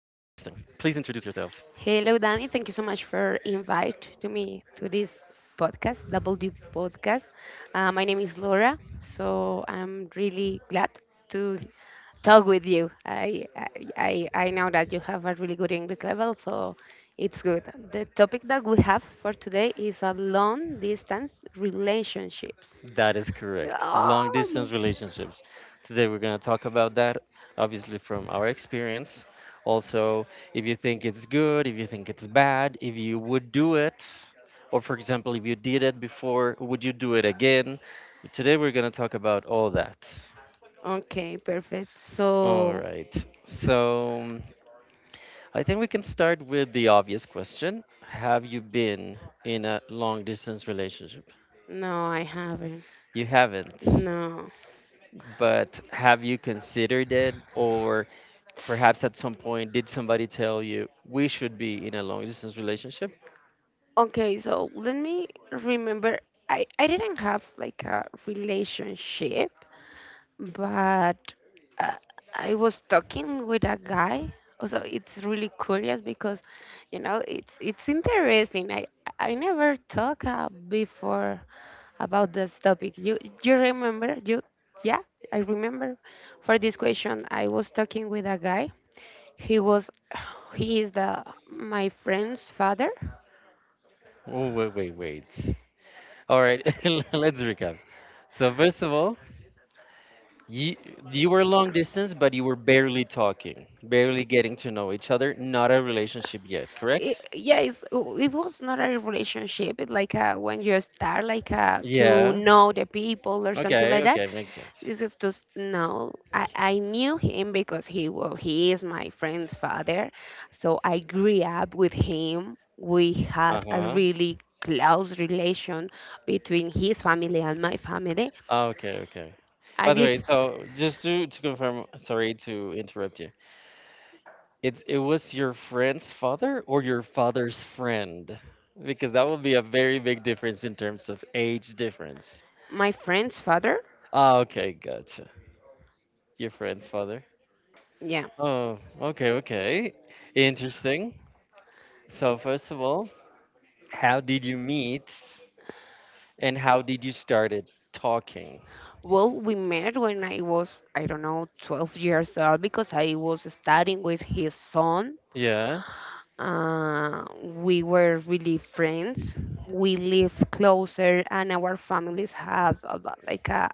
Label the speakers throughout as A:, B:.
A: Please introduce yourself.
B: Hello, Danny. Thank you so much for invite to me to this podcast, Double D Podcast. My name is Laura, so I'm really glad to talk with you. I know that you have a really good English level, so it's good. The topic that we have for today is a long distance relationships.
A: That is correct. Long
B: Oh
A: distance
B: my.
A: relationships. Today we're going to talk about that, obviously, from our experience. Also, if you think it's good, if you think it's bad, if you would do it, or for example, if you did it before, would you do it again? Today we're going to talk about all that.
B: Okay, perfect.
A: All
B: So
A: right. So I think we can start with the obvious question. Have you been in a long distance relationship?
B: no, I haven't.
A: You haven't,
B: No.
A: but have you considered it? Or Perhaps at some point, did somebody tell you we should be in a long distance relationship?
B: Okay, so let me remember. I didn't have like a relationship, but uh, I was talking with a guy. Also, it's really curious because, it's interesting. I never talked before about this topic. You remember? You yeah, I remember. For this question, I was talking with a guy. He was he is the my friend's father.
A: Oh, wait, wait, wait. All right, let's recap. So, first of all, you, you were long distance, but you were barely talking, barely getting to know each other, not a relationship yet,
B: It,
A: correct?
B: yeah, it's, it was not a relationship. It like when you start like to
A: Yeah.
B: know the people or something
A: Okay.
B: like that.
A: Okay. Makes sense.
B: This is just no. I knew him because he well, he is my friend's father, so I grew up with him. We
A: Uh
B: had a
A: huh.
B: really close relation between his family and my family,
A: Okay. Okay. By
B: and
A: the way,
B: it's
A: so just to confirm, sorry to interrupt you. It was your friend's father or your father's friend? Because that would be a very big difference in terms of age difference.
B: my friend's father.
A: Ah, okay, gotcha. Your friend's father.
B: Yeah.
A: Oh, okay, okay. Interesting. So first of all, how did you meet and how did you started talking?
B: Well, we met when I was, I don't know, 12 years old because I was studying with his son.
A: Yeah,
B: We were really friends. We live closer, and our families have about, like a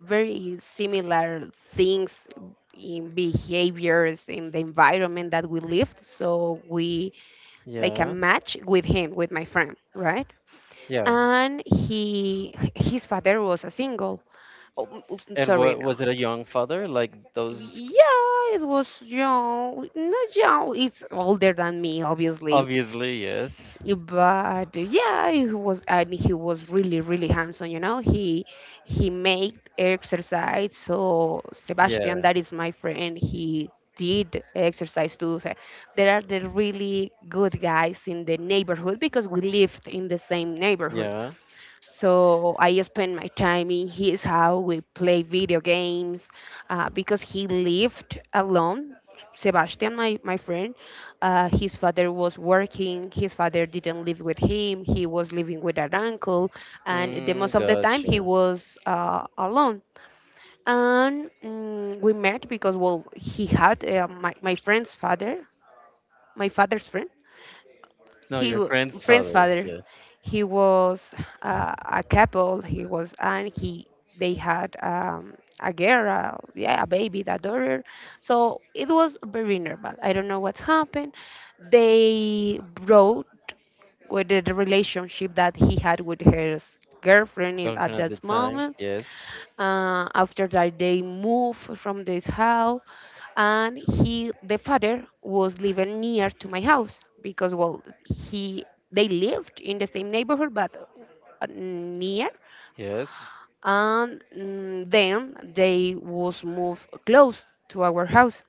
B: very similar things in behaviors in the environment that we lived. So we like a
A: yeah,
B: match with him, with my friend, right?
A: yeah.
B: And he, his father was a single. Oh,
A: And what
B: Serena.
A: was it a young father? Like those.
B: Yeah, it was young. Not young. It's older than me, obviously.
A: Obviously, yes.
B: But yeah, he was and he was really, really handsome. You know, he made exercise. So Sebastian,
A: Yeah,
B: that is my friend. He did exercise too. So there are the really good guys in the neighborhood because we lived in the same neighborhood.
A: yeah.
B: So I spend my time in his house. We play video games because he lived alone. Sebastian, my friend, his father was working. His father didn't live with him. He was living with an uncle, and the
A: Mm,
B: most of the time he
A: gotcha.
B: was alone. And we met because well, he had my my friend's father, my father's friend
A: No,
B: he
A: your
B: w-
A: friend's
B: friend's
A: father.
B: father.
A: Yeah.
B: He was a couple. He was and he they had a girl, yeah, a baby, a daughter. So it was very normal. I don't know what's happened. They brought with the relationship that he had with his girlfriend in, at
A: Girlfriend at the
B: that
A: time.
B: moment.
A: Yes.
B: After that, they moved from this house, and he, the father, was living near to my house because, well, he they lived in the same neighborhood but near,
A: Yes.
B: and then they was moved close to our house.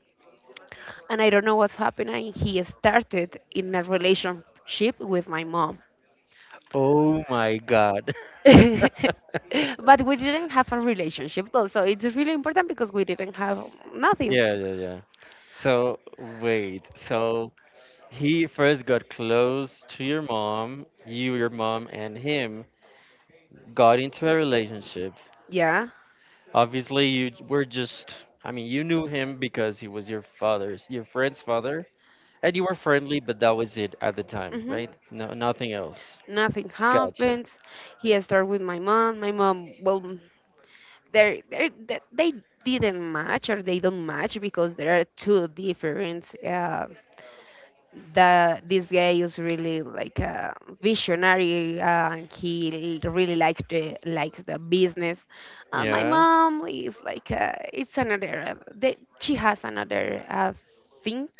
B: And I don't know what's happening. He started in a relationship with my mom.
A: Oh my God.
B: But we didn't have a relationship though, so it's really important because we didn't have nothing.
A: Yeah, yeah, yeah. So wait, so he first got close to your mom, you, your mom, and him got into a relationship.
B: Yeah.
A: Obviously, you were just, I mean, you knew him because he was your father's, your friend's father, and you were friendly, but that was it at the time,
B: Hmm.
A: right? No, nothing else.
B: Nothing
A: Gotcha.
B: happens. He started with my mom. My mom, well, they they they didn't match or they don't match because there are two different. That this guy is really like a visionary. And he really likes the business, and my
A: Yeah.
B: mom is like it's another. They, she has another things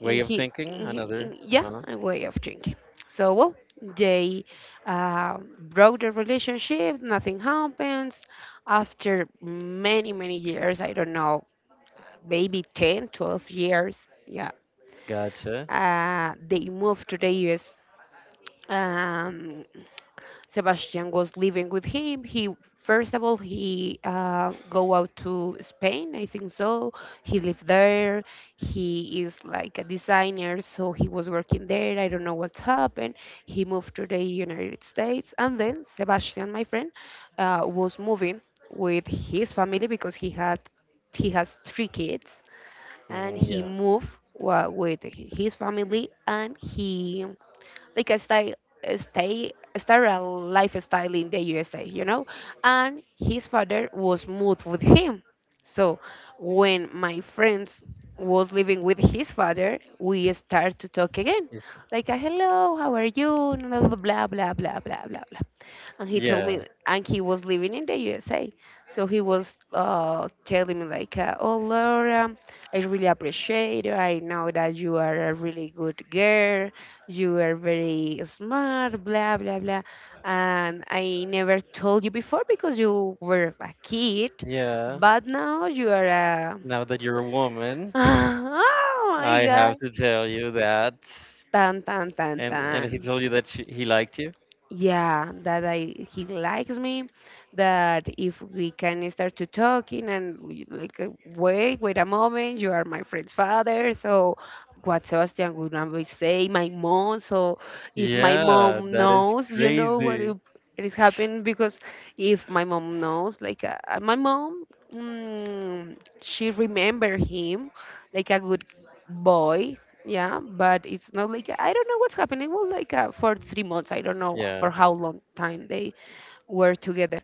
A: Way
B: in,
A: of
B: he,
A: thinking,
B: in,
A: another.
B: in yeah
A: Uh-huh.
B: a way of drinking, so well they broke the relationship, nothing happens. After many years, I don't know, maybe 10, 12 years. Yeah.
A: Gotcha.
B: Uh, they moved to the us. um, Sebastian was living with him. He first of all he go out to Spain, I think so. He lived there. He is like a designer, so he was working there. I don't know what's happened. He moved to the United States, and then Sebastian, my friend, was moving with his family because he has three kids, and
A: Hmm,
B: he
A: yeah.
B: moved with his family, and he like a style a stay a sterile lifestyle in the USA, you know? And his father was moved with him. So when my friends was living with his father, we start to talk again.
A: It's,
B: Like, hello, how are you? Blah, blah, blah, blah, blah, blah, blah, and he told
A: yeah.
B: me, and he was living in the USA, so he was telling me like oh Laura, I really appreciate you. I know that you are a really good girl, you are very smart, blah blah blah, and I never told you before because you were a kid,
A: Yeah.
B: but now you are a
A: Now that you're a woman,
B: oh my
A: I
B: god,
A: have to tell you that.
B: tan tan tan
A: And
B: tan.
A: he told you that she, he liked you?
B: Yeah, that I he likes me, that if we can start to talking and we, like wait a moment, you are my friend's father. So what Sebastian would always say, my mom. So if my
A: Yeah,
B: mom
A: that is
B: knows, you know what
A: crazy.
B: it is happening because if my mom knows, like, my mom, she remember him like a good boy. Yeah, but it's not like, I don't know what's happening. Well, like for 3 months, I don't know
A: Yeah.
B: for how long time they were together,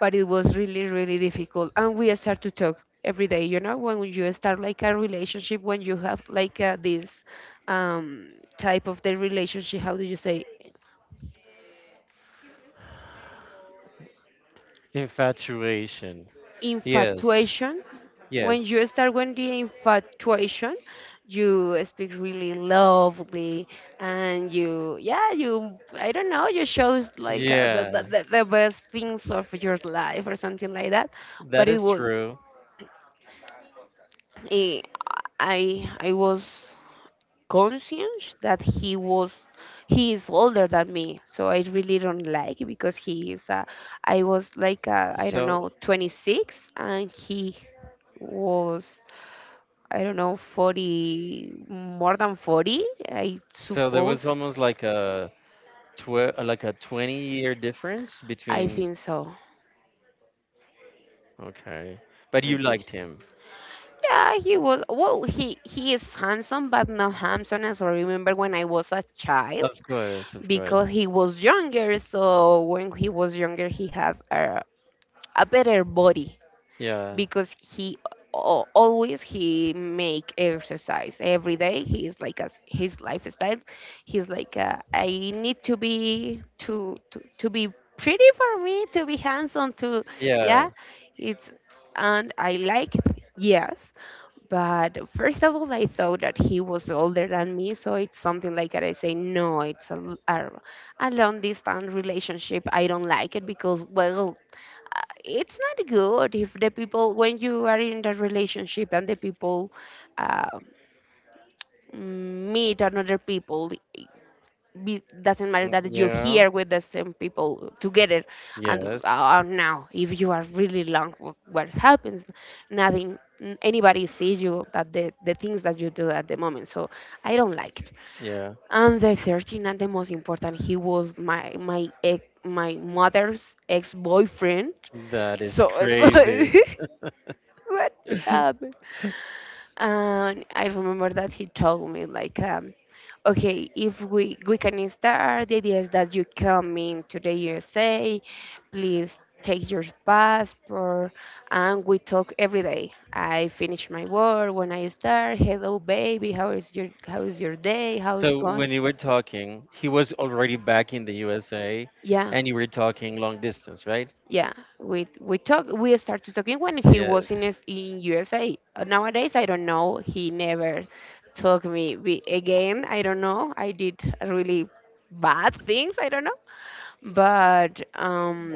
B: but it was really, really difficult. And we start to talk every day. You know, when you start like a relationship, when you have like this um, type of the relationship, how do you say?
A: Infatuation. Yes.
B: Infatuation. When
A: Yes.
B: you start with the infatuation, you speak really lovely, and you yeah you I don't know, you shows like the, the,
A: Yeah.
B: the the best things of your life or something like that. But
A: That
B: it
A: is
B: was
A: true.
B: eh, I was conscious that he was he is older than me, so I really don't like because he is I was like I don't
A: So
B: know, 26 and he was I don't know, 40, more than 40, I
A: so there
B: suppose.
A: was almost like a like a 20-year difference
B: I
A: between.
B: think so.
A: Okay. But
B: I
A: you
B: think.
A: liked him.
B: Yeah, he was. Well, he is handsome, but not handsome as I remember when I was a child
A: Of course, of
B: because
A: course.
B: he was younger. So when he was younger, he had a better body.
A: Yeah.
B: Because he always he make exercise every day. He's like as his lifestyle. He's like I need to be to, to be pretty for me, to be handsome to yeah
A: Yeah.
B: it's, and I like it. Yes, but first of all I thought that he was older than me, so it's something like that. I say no, it's a long distance relationship, I don't like it because well, it's not good if the people, when you are in the relationship and the people uh, meet another people, doesn't matter
A: Mm,
B: that you're
A: yeah.
B: here with the same people together, and
A: Yes.
B: now if you are really long, what happens? Nothing, anybody sees you that the things that you do at the moment. So I don't like it.
A: Yeah.
B: And the 13, and the most important, he was my my mother's ex-boyfriend,
A: That is
B: so it was
A: crazy.
B: what happened? And I remember that he told me like, okay, if we can start, the idea is that you come into the USA, please take your passport, and we talk every day. I finish my work when I start. Hello, baby, how is your day? How's
A: So
B: going?
A: when you were talking, he was already back in the USA
B: Yeah,
A: and you were talking long distance, right?
B: yeah, we started talking when he
A: Yes.
B: was in in USA. Nowadays I don't know, he never talked me, we, again, I don't know, I did really bad things, I don't know. But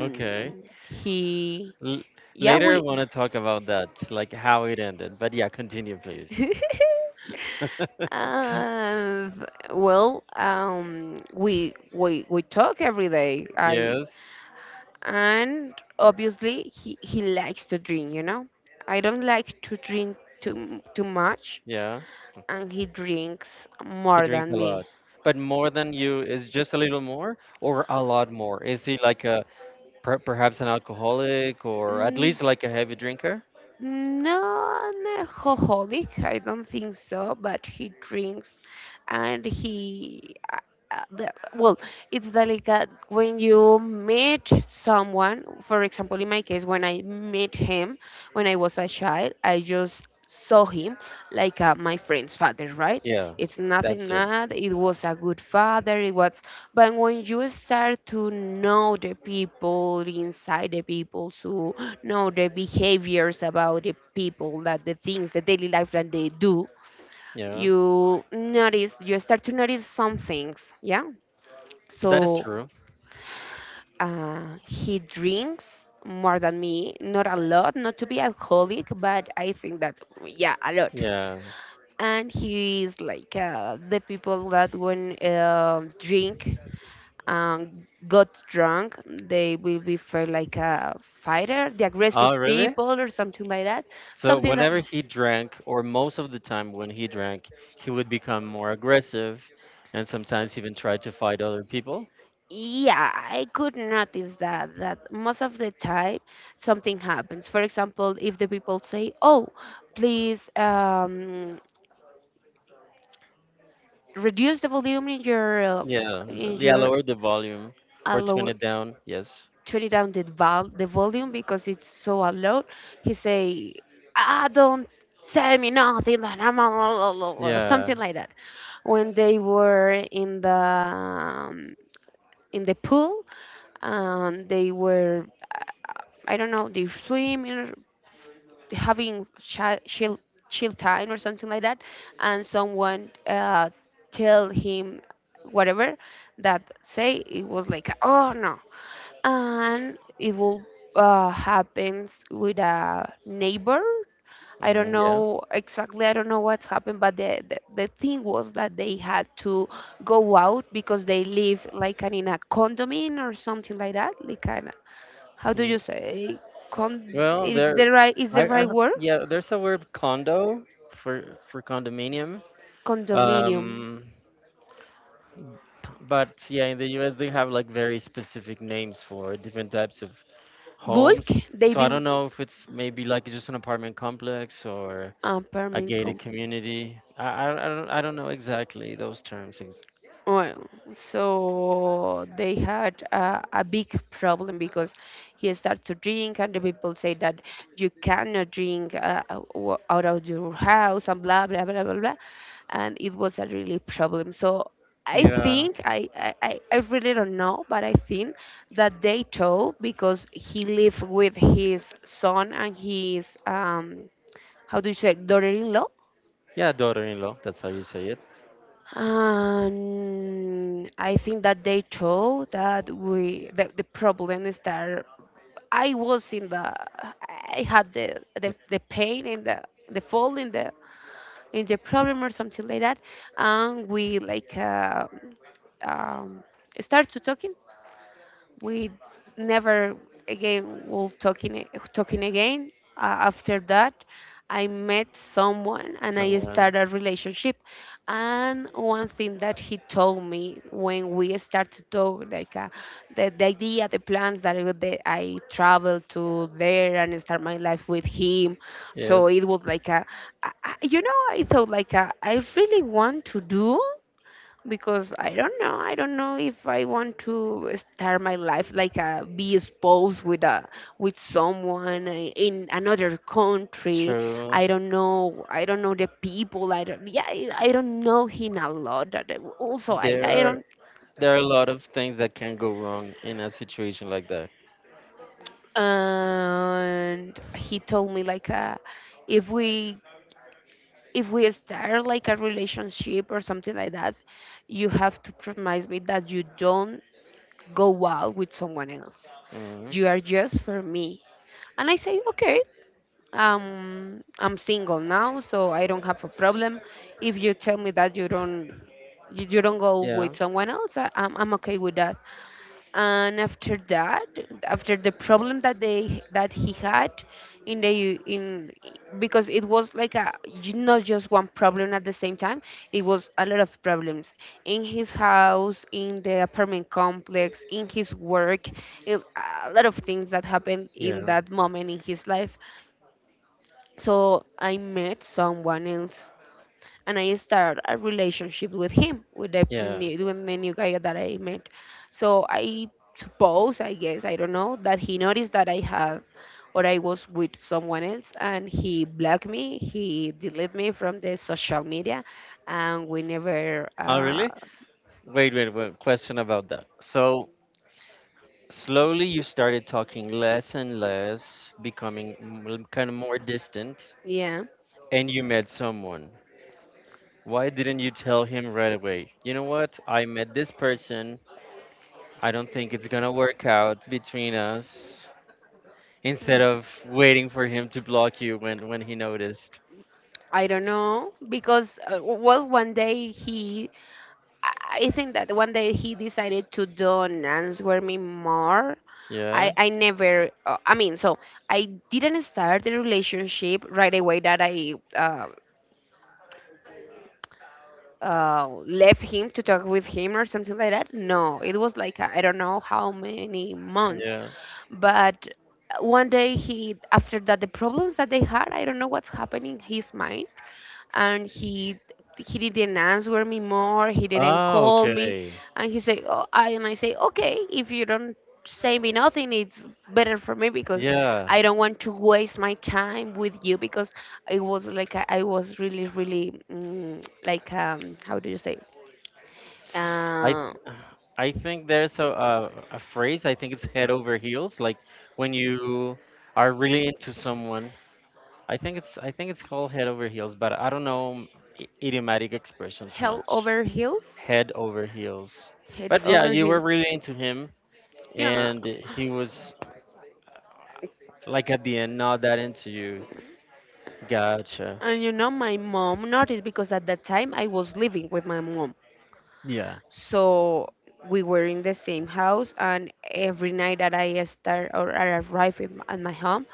A: Okay.
B: he
A: L
B: yeah
A: later, I
B: we
A: want to talk about that, like how it ended. But yeah, continue, please.
B: uh, well, we talk every day. I
A: Yes.
B: and obviously he likes to drink, you know. I don't like to drink too much,
A: Yeah.
B: and he drinks
A: He
B: more
A: drinks
B: than
A: a
B: me.
A: lot. But more than you is just a little more or a lot more? Is he like a, perhaps an alcoholic or at
B: Mm,
A: least like a heavy drinker?
B: not alcoholic, I don't think so, but he drinks and he. Uh, the, well, it's the, like when you meet someone, for example, in my case, when I met him when I was a child, I just saw him like my friend's father, right?
A: Yeah,
B: It's nothing
A: that's it.
B: that it was a good father, it was. But when you start to know the people inside the people, so no the behaviors about the people, that the things, the daily life that they do,
A: Yeah,
B: you notice, you start to notice some things, yeah.
A: that is
B: So
A: true.
B: he drinks more than me, not a lot, not to be alcoholic, but I think that yeah, a lot.
A: Yeah.
B: And he is like the people that when drink, got drunk, they will be for like a fighter, the aggressive
A: Oh, really?
B: people or something like that,
A: So
B: something that.
A: whenever he drank, or most of the time when he drank, he would become more aggressive and sometimes even try to fight other people.
B: Yeah, I could notice that that most of the time something happens. For example, if the people say, "Oh, please, reduce the volume in your,
A: Yeah,
B: in
A: yeah,
B: your
A: lower the volume or turn
B: lower,
A: it down. Yes.
B: turn it down the val the volume because it's so loud." He say, "Ah, don't tell me nothing that I'm a la- la- la,"
A: Yeah.
B: something like that. When they were in the pool and they were, I don't know, they swim having chill time or something like that, and someone tell him whatever, that say it was like, oh no, and it will happens with a neighbor. I don't
A: Mhm, yeah.
B: know exactly. I don't know what's happened, but the thing was that they had to go out because they live like in a condominium or something like that. Like an, how do you
A: Ye-
B: say?
A: Well,
B: It's
A: there,
B: the right. Is
A: I,
B: the
A: I,
B: right word?
A: yeah, there's a word condo for condominium.
B: Condominium.
A: Um, But yeah, in the US they have like very specific names for different types of
B: Bulk,
A: homes.
B: they
A: So I don't
B: build,
A: know if it's maybe like just an apartment complex or a
B: apartment
A: gated community. I don't I don't know exactly those terms. Ex-
B: well, so they had a big problem, because he started to drink and the people say that you cannot drink out of your house and blah blah blah blah blah, and it was a really problem. So I
A: Yeah.
B: think, I really don't know, but I think that they told, because he lived with his son and his how do you say, daughter-in-law.
A: Yeah, daughter-in-law, that's how you say it.
B: I think that they told that, we, that the problem is that I was in the, I had the pain and the fall in the problem or something like that, and we like, um, start to talking. We never again will talking again after that. I met someone and I
A: Someone.
B: started a relationship, and one thing that he told me when we start to talk, like the idea, the plans that I travel to there and start my life with him. So
A: Yes,
B: it was like a, I- you know I thought like, I really want to do, because I don't know. I don't know if I want to start my life, like, be exposed with a, with someone in another country.
A: true.
B: I don't know. I don't know the people. I don't. Yeah, I don't know him a lot. Also, I
A: There
B: I
A: are
B: don't.
A: there are a lot of things that can go wrong in a situation like that.
B: And he told me, like, if we, if we start like a relationship or something like that, you have to promise me that you don't go out with someone else.
A: Hmm.
B: You are just for me. And I say, okay, I'm single now, so I don't have a problem. If you tell me that you don't go
A: Yeah,
B: with someone else, I'm okay with that. And after that, after the problem that they that he had in the, in, because it was like a, not just one problem at the same time, it was a lot of problems in his house, in the apartment complex, in his work, in, a lot of things that happened in
A: yeah,
B: that moment in his life. So I met someone else, and I start a relationship with him, with the
A: yeah.
B: new, with the new guy that I met. So I suppose, I guess, I don't know, that he noticed that I had, or I was with someone else, and he blocked me, he deleted me from the social media, and we never,
A: Oh, really? Wait, wait, wait. Question about that. So slowly, you started talking less and less, becoming kind of more distant,
B: yeah.
A: and you met someone. Why didn't you tell him right away? You know what? I met this person. I don't think it's gonna work out between us. Instead of
B: Mm.
A: waiting for him to block you when he noticed.
B: I don't know, because well, one day he, I think that one day he decided to don't answer me more. I,
A: Yeah.
B: I never, I mean, so I didn't start the relationship right away, that I, left him to talk with him or something like that. No, it was like, I don't know how many months.
A: Yeah.
B: But one day he, after that, the problems that they had, I don't know what's happening in his mind. And he didn't answer me more, he didn't
A: Oh,
B: call me.
A: okay.
B: And he said, oh, I, and I say, okay, if you don't say me nothing, it's better for me, because
A: Yeah.
B: I don't want to waste my time with you, because it was like, I was really really, like, how do you say,
A: I
B: uh
A: I think there's a phrase. I think it's head over heels. Like when you are really into someone. I think it's called head over heels, but I don't know idiomatic expressions
B: hell
A: much.
B: over heels,
A: Head over heels.
B: head
A: But yeah,
B: over
A: you were
B: heels.
A: really into him
B: Yeah.
A: and he was like at the end not that into you. Gotcha.
B: And you know, my mom noticed, because at that time I was living with my mom.
A: Yeah.
B: So we were in the same house, and every night that I start, or I arrive in, at my home,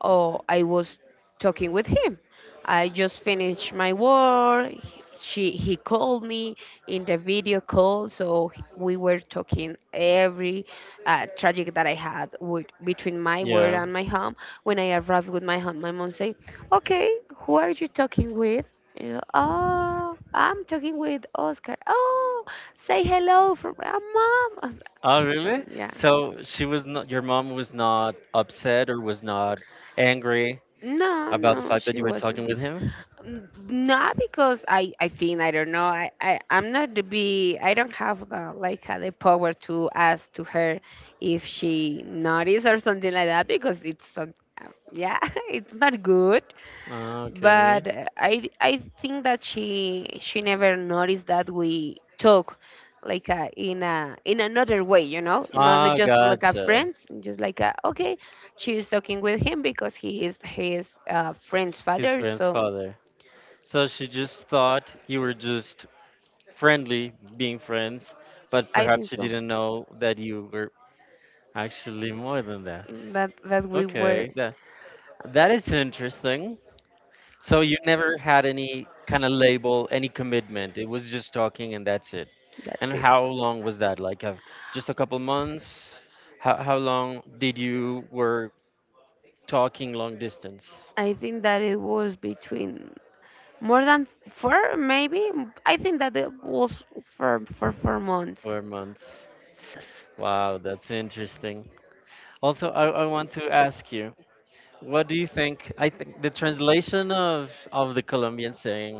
B: oh, I was talking with him. I just finished my work. She, he called me in the video call, so we were talking every, tragic that I had with, between my work
A: Yeah.
B: and my home. When I arrived with my home, my mom say, "Okay, who are you talking with?" And, oh, I'm talking with Oscar. Oh, say hello from, mom.
A: Oh,
B: So,
A: really?
B: yeah.
A: So she was not, your mom was not upset or was not angry
B: No,
A: about the
B: no,
A: fact that
B: she
A: you were talking
B: wasn't.
A: with him?
B: Not because I think, I don't know, I I'm not to be, I don't have, like, the power to ask to her if she noticed or something like that, because it's so, yeah. It's not good.
A: Okay.
B: But I think that she never noticed that we talk, like, in a, in another way, you know, not
A: Ah,
B: just like a
A: gotcha.
B: friends, just like okay, she's talking with him because he is his, friend's
A: His
B: father,
A: friend's
B: so,
A: father. So she just thought you were just friendly being friends, but
B: I think
A: perhaps you
B: so.
A: didn't know that you were actually more than that.
B: That that we were.
A: Okay, that is interesting. So you never had any kind of label, any commitment. It was just talking and that's it. And
B: That's it.
A: how long was that? Like of just a couple months? How long did you were talking long distance?
B: I think that it was between more than four, maybe. I think that it was for 4 months.
A: 4 months. Wow, that's interesting. Also, I want to ask you, what do you think? I think the translation of the Colombian saying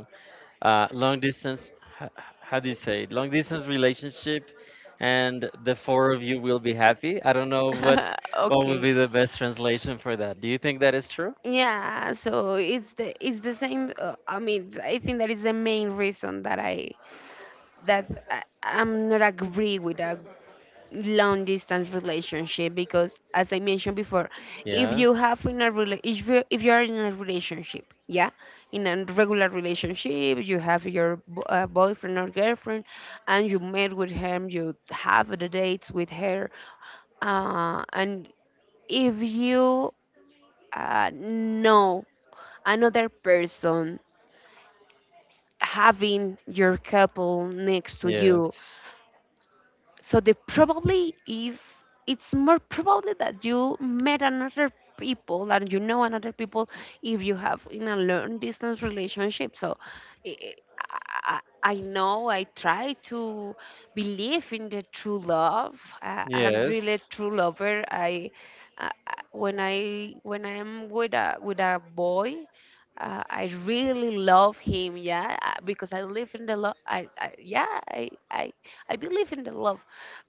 A: long distance. h- How do you say it? Long distance relationship, and the four of you will be happy. I don't know what what would
B: Okay.
A: be the best translation for that. Do you think that is true?
B: Yeah, so it's the, it's the same. I mean, I think that is the main reason that that I'm not agree with a long distance relationship because, as I mentioned before, if
A: Yeah.
B: you have in a rela if you are in a relationship, yeah, in a regular relationship, you have your boyfriend or girlfriend, and you met with him, you have the dates with her, and if you, know another person, having your couple next to you.
A: Yes.
B: So the probably is, it's more probably that you met another people, and you know another people, if you have in a long distance relationship. So eh, eh, I know, I try to believe in the true love. I'm
A: Yes.
B: really a true lover. I when I'm with a boy, I really love him, yeah, because I live in the love. Yeah, I believe in the love,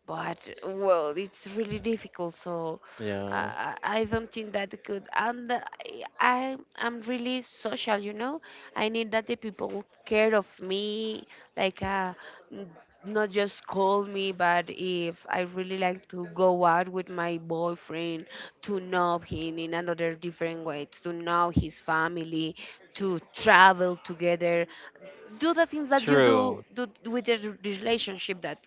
B: but, well, it's really difficult. So,
A: Yeah.
B: I don't think that good. And, I'm really social, you know. I need that the people care of me, like, n- not just call me, but if I really like to go out with my boyfriend, to know him in another different way, to know his family, to travel together, do the things that you
A: True.
B: do, do with the relationship that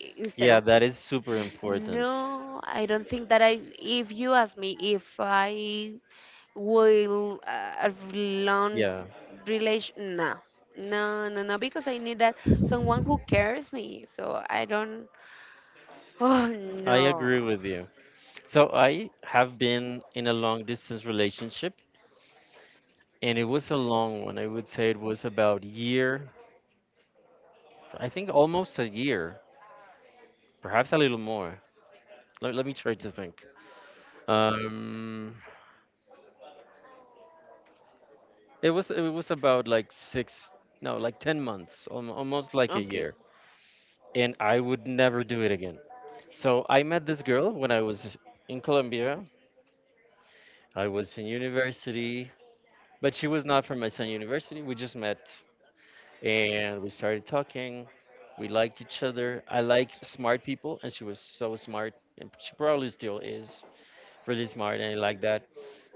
B: instead of,
A: Yeah, that is super important.
B: no, I don't think that, I if you ask me if I will, a long
A: Yeah,
B: relation, no, no, no, no, because I need that someone who cares me, so I don't. Oh,
A: I
B: no.
A: agree with you. So I have been in a long distance relationship and it was a long one. I would say it was about year, I think almost a year, perhaps a little more. Let me try to think. Um, it was about like six, no, like 10 months, almost like a
B: Okay,
A: year. And I would never do it again. So I met this girl when I was in Colombia. I was in university, but she was not from my same university. We just met and we started talking. We liked each other. I like smart people, and she was so smart, and she probably still is really smart, and I like that.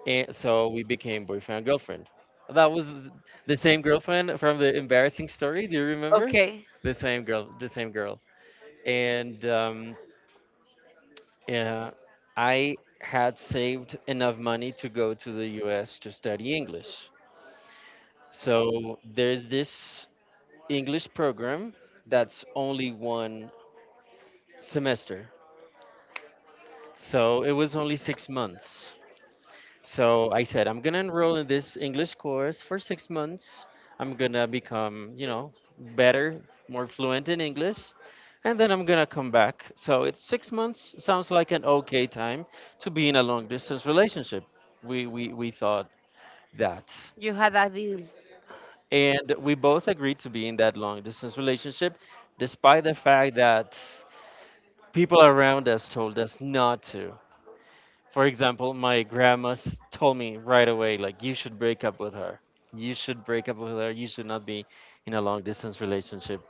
A: And so we became boyfriend and girlfriend. That was the same girlfriend from the embarrassing story. Do you remember?
B: okay,
A: The same girl, the same girl. And uh, I had saved enough money to go to the U.S. to study English. So there's this English program that's only one semester. So it was only 6 months. So I said, I'm gonna enroll in this English course for 6 months. I'm gonna become better, more fluent in English, and then I'm gonna come back. So it's 6 months. Sounds like an okay time to be in a long distance relationship. We thought that,
B: you had a deal.
A: and we both agreed to be in that long distance relationship, despite the fact that people around us told us not to. For example, my grandma told me right away, like, you should break up with her. You should break up with her. You should not be in a long distance relationship.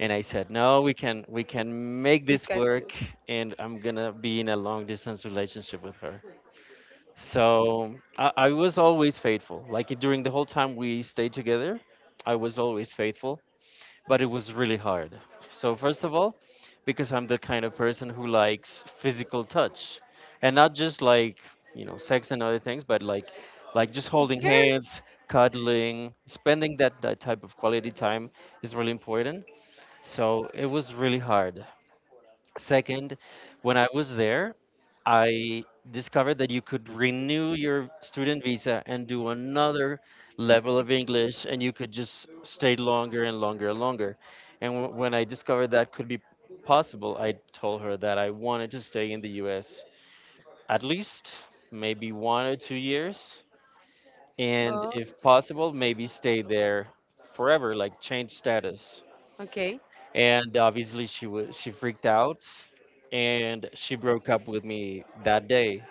A: And I said, no, we can make
B: We
A: this
B: can do.
A: work, and I'm gonna be in a long distance relationship with her. So I was always faithful. Like during the whole time we stayed together, I was always faithful, but it was really hard. So first of all, because I'm the kind of person who likes physical touch, and not just like sex and other things, but like just holding
B: First
A: hands, cuddling, spending that type of quality time is really important. So it was really hard. Second, when I was there, I discovered that you could renew your student visa and do another level of
B: 6 months.
A: English, and you could just stay longer and longer and longer. And when I discovered that could be possible, I told her that I wanted to stay in the US at least maybe 1 or 2 years, and
B: Oh,
A: if possible, maybe stay there forever, like change status.
B: okay.
A: And obviously, she freaked out, and she broke up with me that day.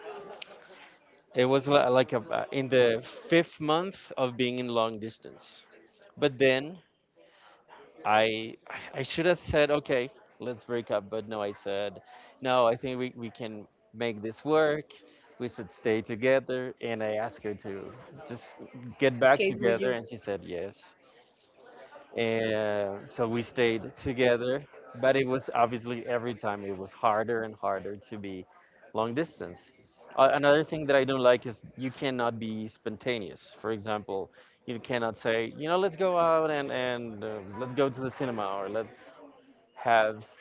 A: It was like a, in the fifth month of being in long distance. But then I I should have said, okay, let's break up. But no, I said, no, I think we can make this work. We should stay together. And I asked her to just get back
B: Case with
A: together.
B: you
A: And she said yes, and so we stayed together. But it was obviously every time it was harder and harder to be long distance. Another thing that I don't like is you cannot be spontaneous. For example, you cannot say, let's go out, and let's go to the cinema, or let's have s-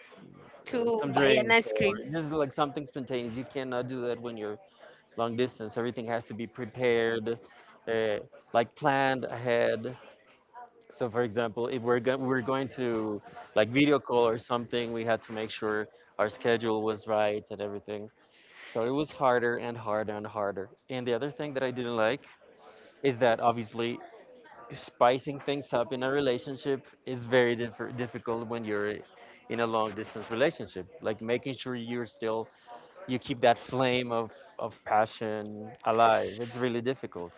A: uh,
B: to
A: some
B: buy an
A: drinks,
B: ice
A: or
B: cream.
A: just like something spontaneous. You cannot do that when you're long distance. Everything has to be prepared, uh, like planned ahead. So, for example, if we're going to like video call or something, we had to make sure our schedule was right and everything. So it was harder and harder and harder. And the other thing that I didn't like is that, obviously, spicing things up in a relationship is very difficult when you're in a long distance relationship. Like, making sure you're still, you keep that flame of passion alive. It's really difficult.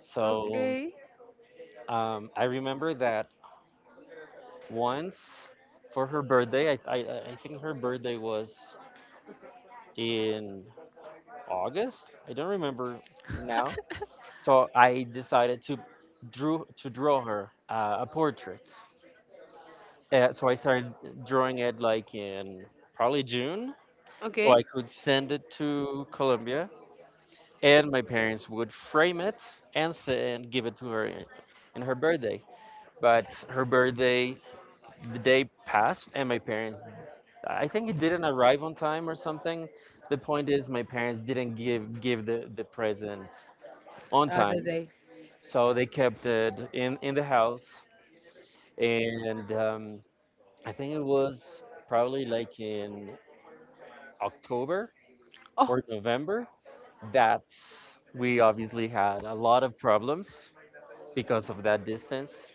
A: So
B: Okay.
A: I remember that once, for her birthday. I think her birthday was in August. I don't remember now. So I decided to drew to draw her a portrait. So I started drawing it like in probably June, so
B: Okay.
A: I could send it to Colombia, and my parents would frame it and give it to her in her birthday. But her birthday, the day passed, and my parents, I think it didn't arrive on time or something. The point is my parents didn't give the present on
B: Other
A: time.
B: day.
A: So they kept it in the house. And I think it was probably like in October
B: Oh,
A: or November that we obviously had a lot of problems because of that distance.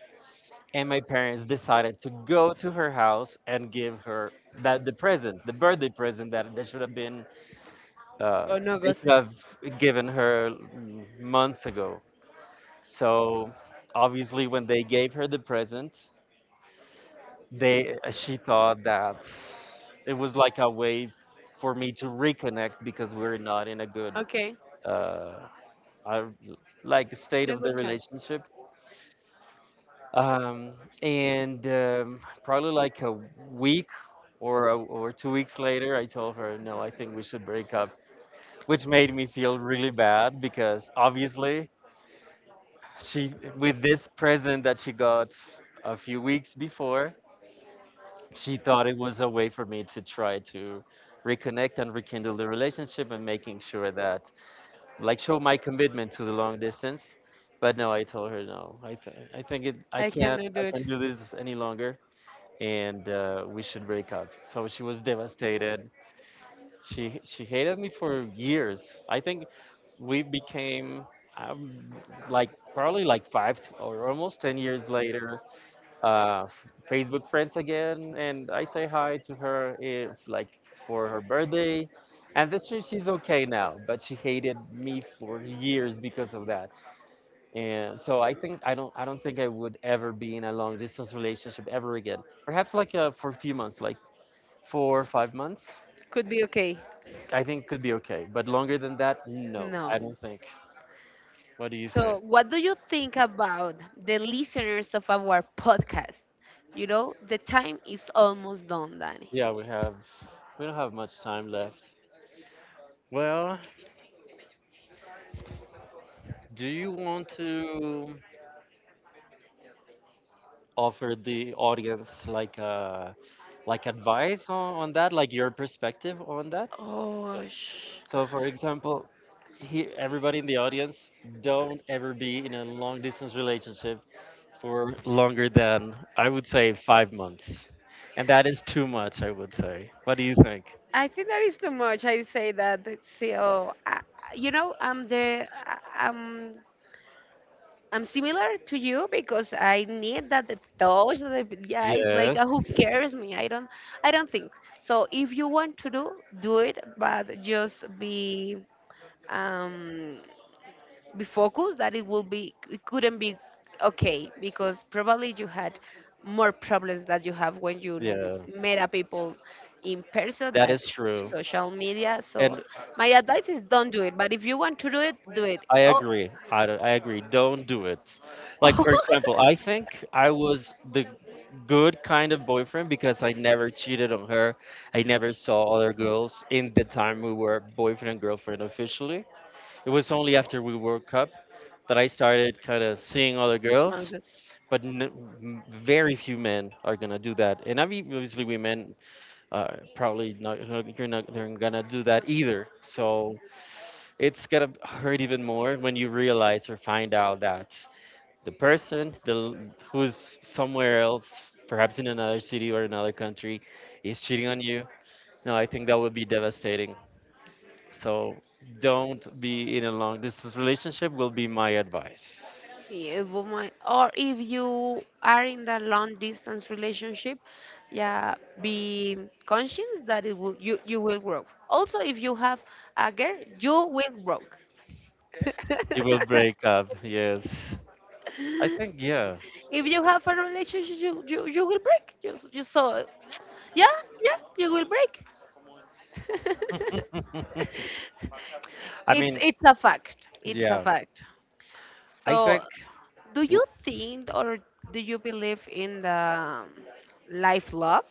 A: And my parents decided to go to her house and give her that the present, the birthday present, that they should have been uh,
B: on
A: they
B: August.
A: should have given her months ago. So obviously, when they gave her the present, they she thought that it was like a way for me to reconnect, because we are not in a good
B: Okay.
A: uh, I- like state
B: In a
A: of the
B: good time.
A: relationship. Um, and Probably like a week or 2 weeks later, I told her, no, I think we should break up, which made me feel really bad because obviously, she, with this present that she got a few weeks before, she thought it was a way for me to try to reconnect and rekindle the relationship, and making sure that like show my commitment to the long distance. But no, I told her no. I think it,
B: I cannot do
A: I
B: it.
A: can't do this any longer. And we should break up. So she was devastated. She hated me for years. I think we became um, like probably like five t- or almost 10 years later, Facebook friends again, and I say hi to her if like for her birthday. And this year she's okay now, but she hated me for years because of that. And so I think I don't think I would ever be in a long distance relationship ever again. Perhaps like for a few months, like for 5 months,
B: Could be okay.
A: I think could be okay. But longer than that, no,
B: No.
A: I don't think. What do you think?
B: So, what do you think about the listeners of our podcast? You know, the time is almost done, Danny.
A: Yeah, we have, we don't have much time left. Well, do you want to offer the audience like advice on that, like your perspective on that? So,
B: Oh,
A: so for example, everybody in the audience, don't ever be in a long distance relationship for longer than I would say 5 months. And that is too much, I would say. What do you think?
B: I think that is too much. I say that. It's still. You know, I'm I'm similar to you because I need that the touch. The, yeah, it's like,
A: Yes.
B: who cares me? I don't, I don't think so. If you want to do, do it, but just um be focused that it will be, it couldn't be okay, because probably you had more problems that you have when you
A: Yeah,
B: met a people in person,
A: that
B: that
A: is true.
B: social media. So
A: And
B: my advice is, don't do it, but if you want to do it, do it.
A: I
B: Oh.
A: agree. I agree. Don't do it. Like, for example, I think I was the good kind of boyfriend because I never cheated on her. I never saw other girls in the time we were boyfriend and girlfriend officially. It was only after we broke up that I started kind of seeing other
B: Oh,
A: girls.
B: that's-
A: But very few men are gonna do that, and I mean, obviously women, probably not, you're not they're gonna do that either. So it's gonna hurt even more when you realize or find out that the person, who's somewhere else, perhaps in another city or another country, is cheating on you. No, I think that would be devastating. So don't be in a long distance relationship. Will be my advice.
B: Yeah, woman. Or if you are in the long distance relationship, yeah, be conscious that it will you will grow. Also, if you have a girl, you will grow.
A: You will break up. Yes, I think yeah.
B: If you have a relationship, you will break. You saw it. Yeah, yeah, you will break.
A: I
B: it's
A: mean,
B: it's a fact. It's a
A: yeah,
B: fact.
A: I
B: So,
A: think
B: do
A: l-
B: you think, or do you believe in the, life love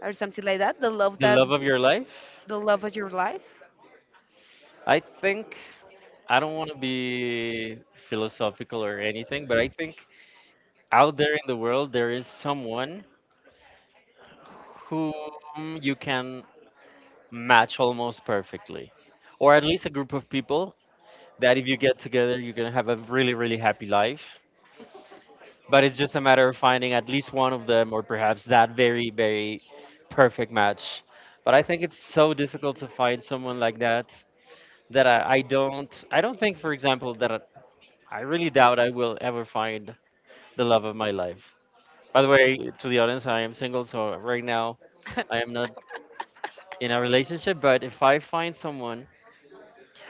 B: or something like that? The love
A: the
B: that,
A: love of your life.
B: the love of your life.
A: I think I don't want to be philosophical or anything, but I think out there in the world there is someone whom you can match almost perfectly, or at least a group of people that if you get together you're gonna have a really really happy life. But it's just a matter of finding at least one of them, or perhaps that very very perfect match. But I think it's so difficult to find someone like that, that I don't, think, for example, that I really doubt I will ever find the love of my life. By the way, to the audience, I am single, so right now I am not in a relationship. But if I find someone,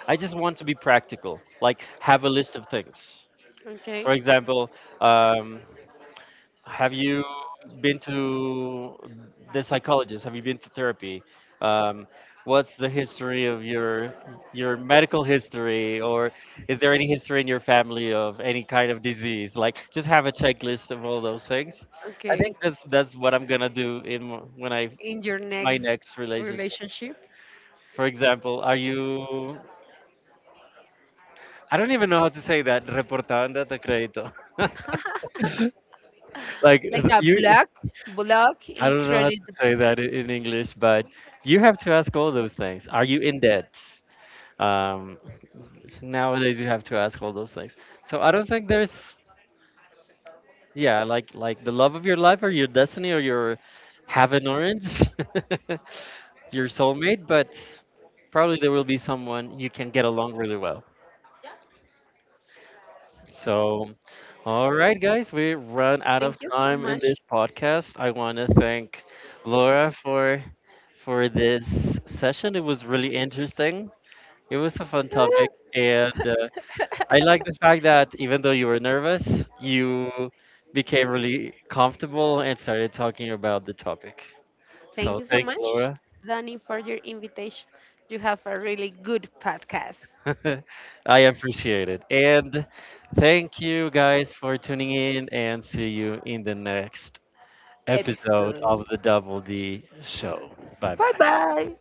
A: I just want to be practical, like have a list of things.
B: Okay.
A: For example, um, have you been to the psychologist? Have you been to therapy? Um, what's the history of your medical history, or is there any history in your family of any kind of disease? Like, just have a checklist of all those things. I
B: Okay,
A: think that's what I'm gonna do in when I in
B: in your
A: my
B: next
A: next relationship.
B: relationship.
A: For example, are you? I don't even know how to say that. Reportando de crédito. Like
B: Like a
A: you
B: blog,
A: I don't know how to
B: incredible.
A: say that in English, but you have to ask all those things. Are you in debt? Um, Nowadays, you have to ask all those things. So I don't think there's, yeah, like the love of your life, or your destiny, or your heaven orange, your soulmate, but probably there will be someone you can get along really well. So all right, guys, we run out of
B: Thank you so
A: time in
B: much.
A: this podcast. I want to thank Laura for this session. It was really interesting. It was a fun topic, and I like the fact that even though you were nervous, you became really comfortable and started talking about the topic.
B: Thank
A: So
B: you so
A: thank you,
B: much,
A: Laura.
B: Danny, for your invitation. You have a really good podcast
A: I appreciate it, and thank you guys for tuning in. And see you in the next episode
B: episode.
A: of the Double D Show. Bye
B: Bye
A: bye.
B: bye.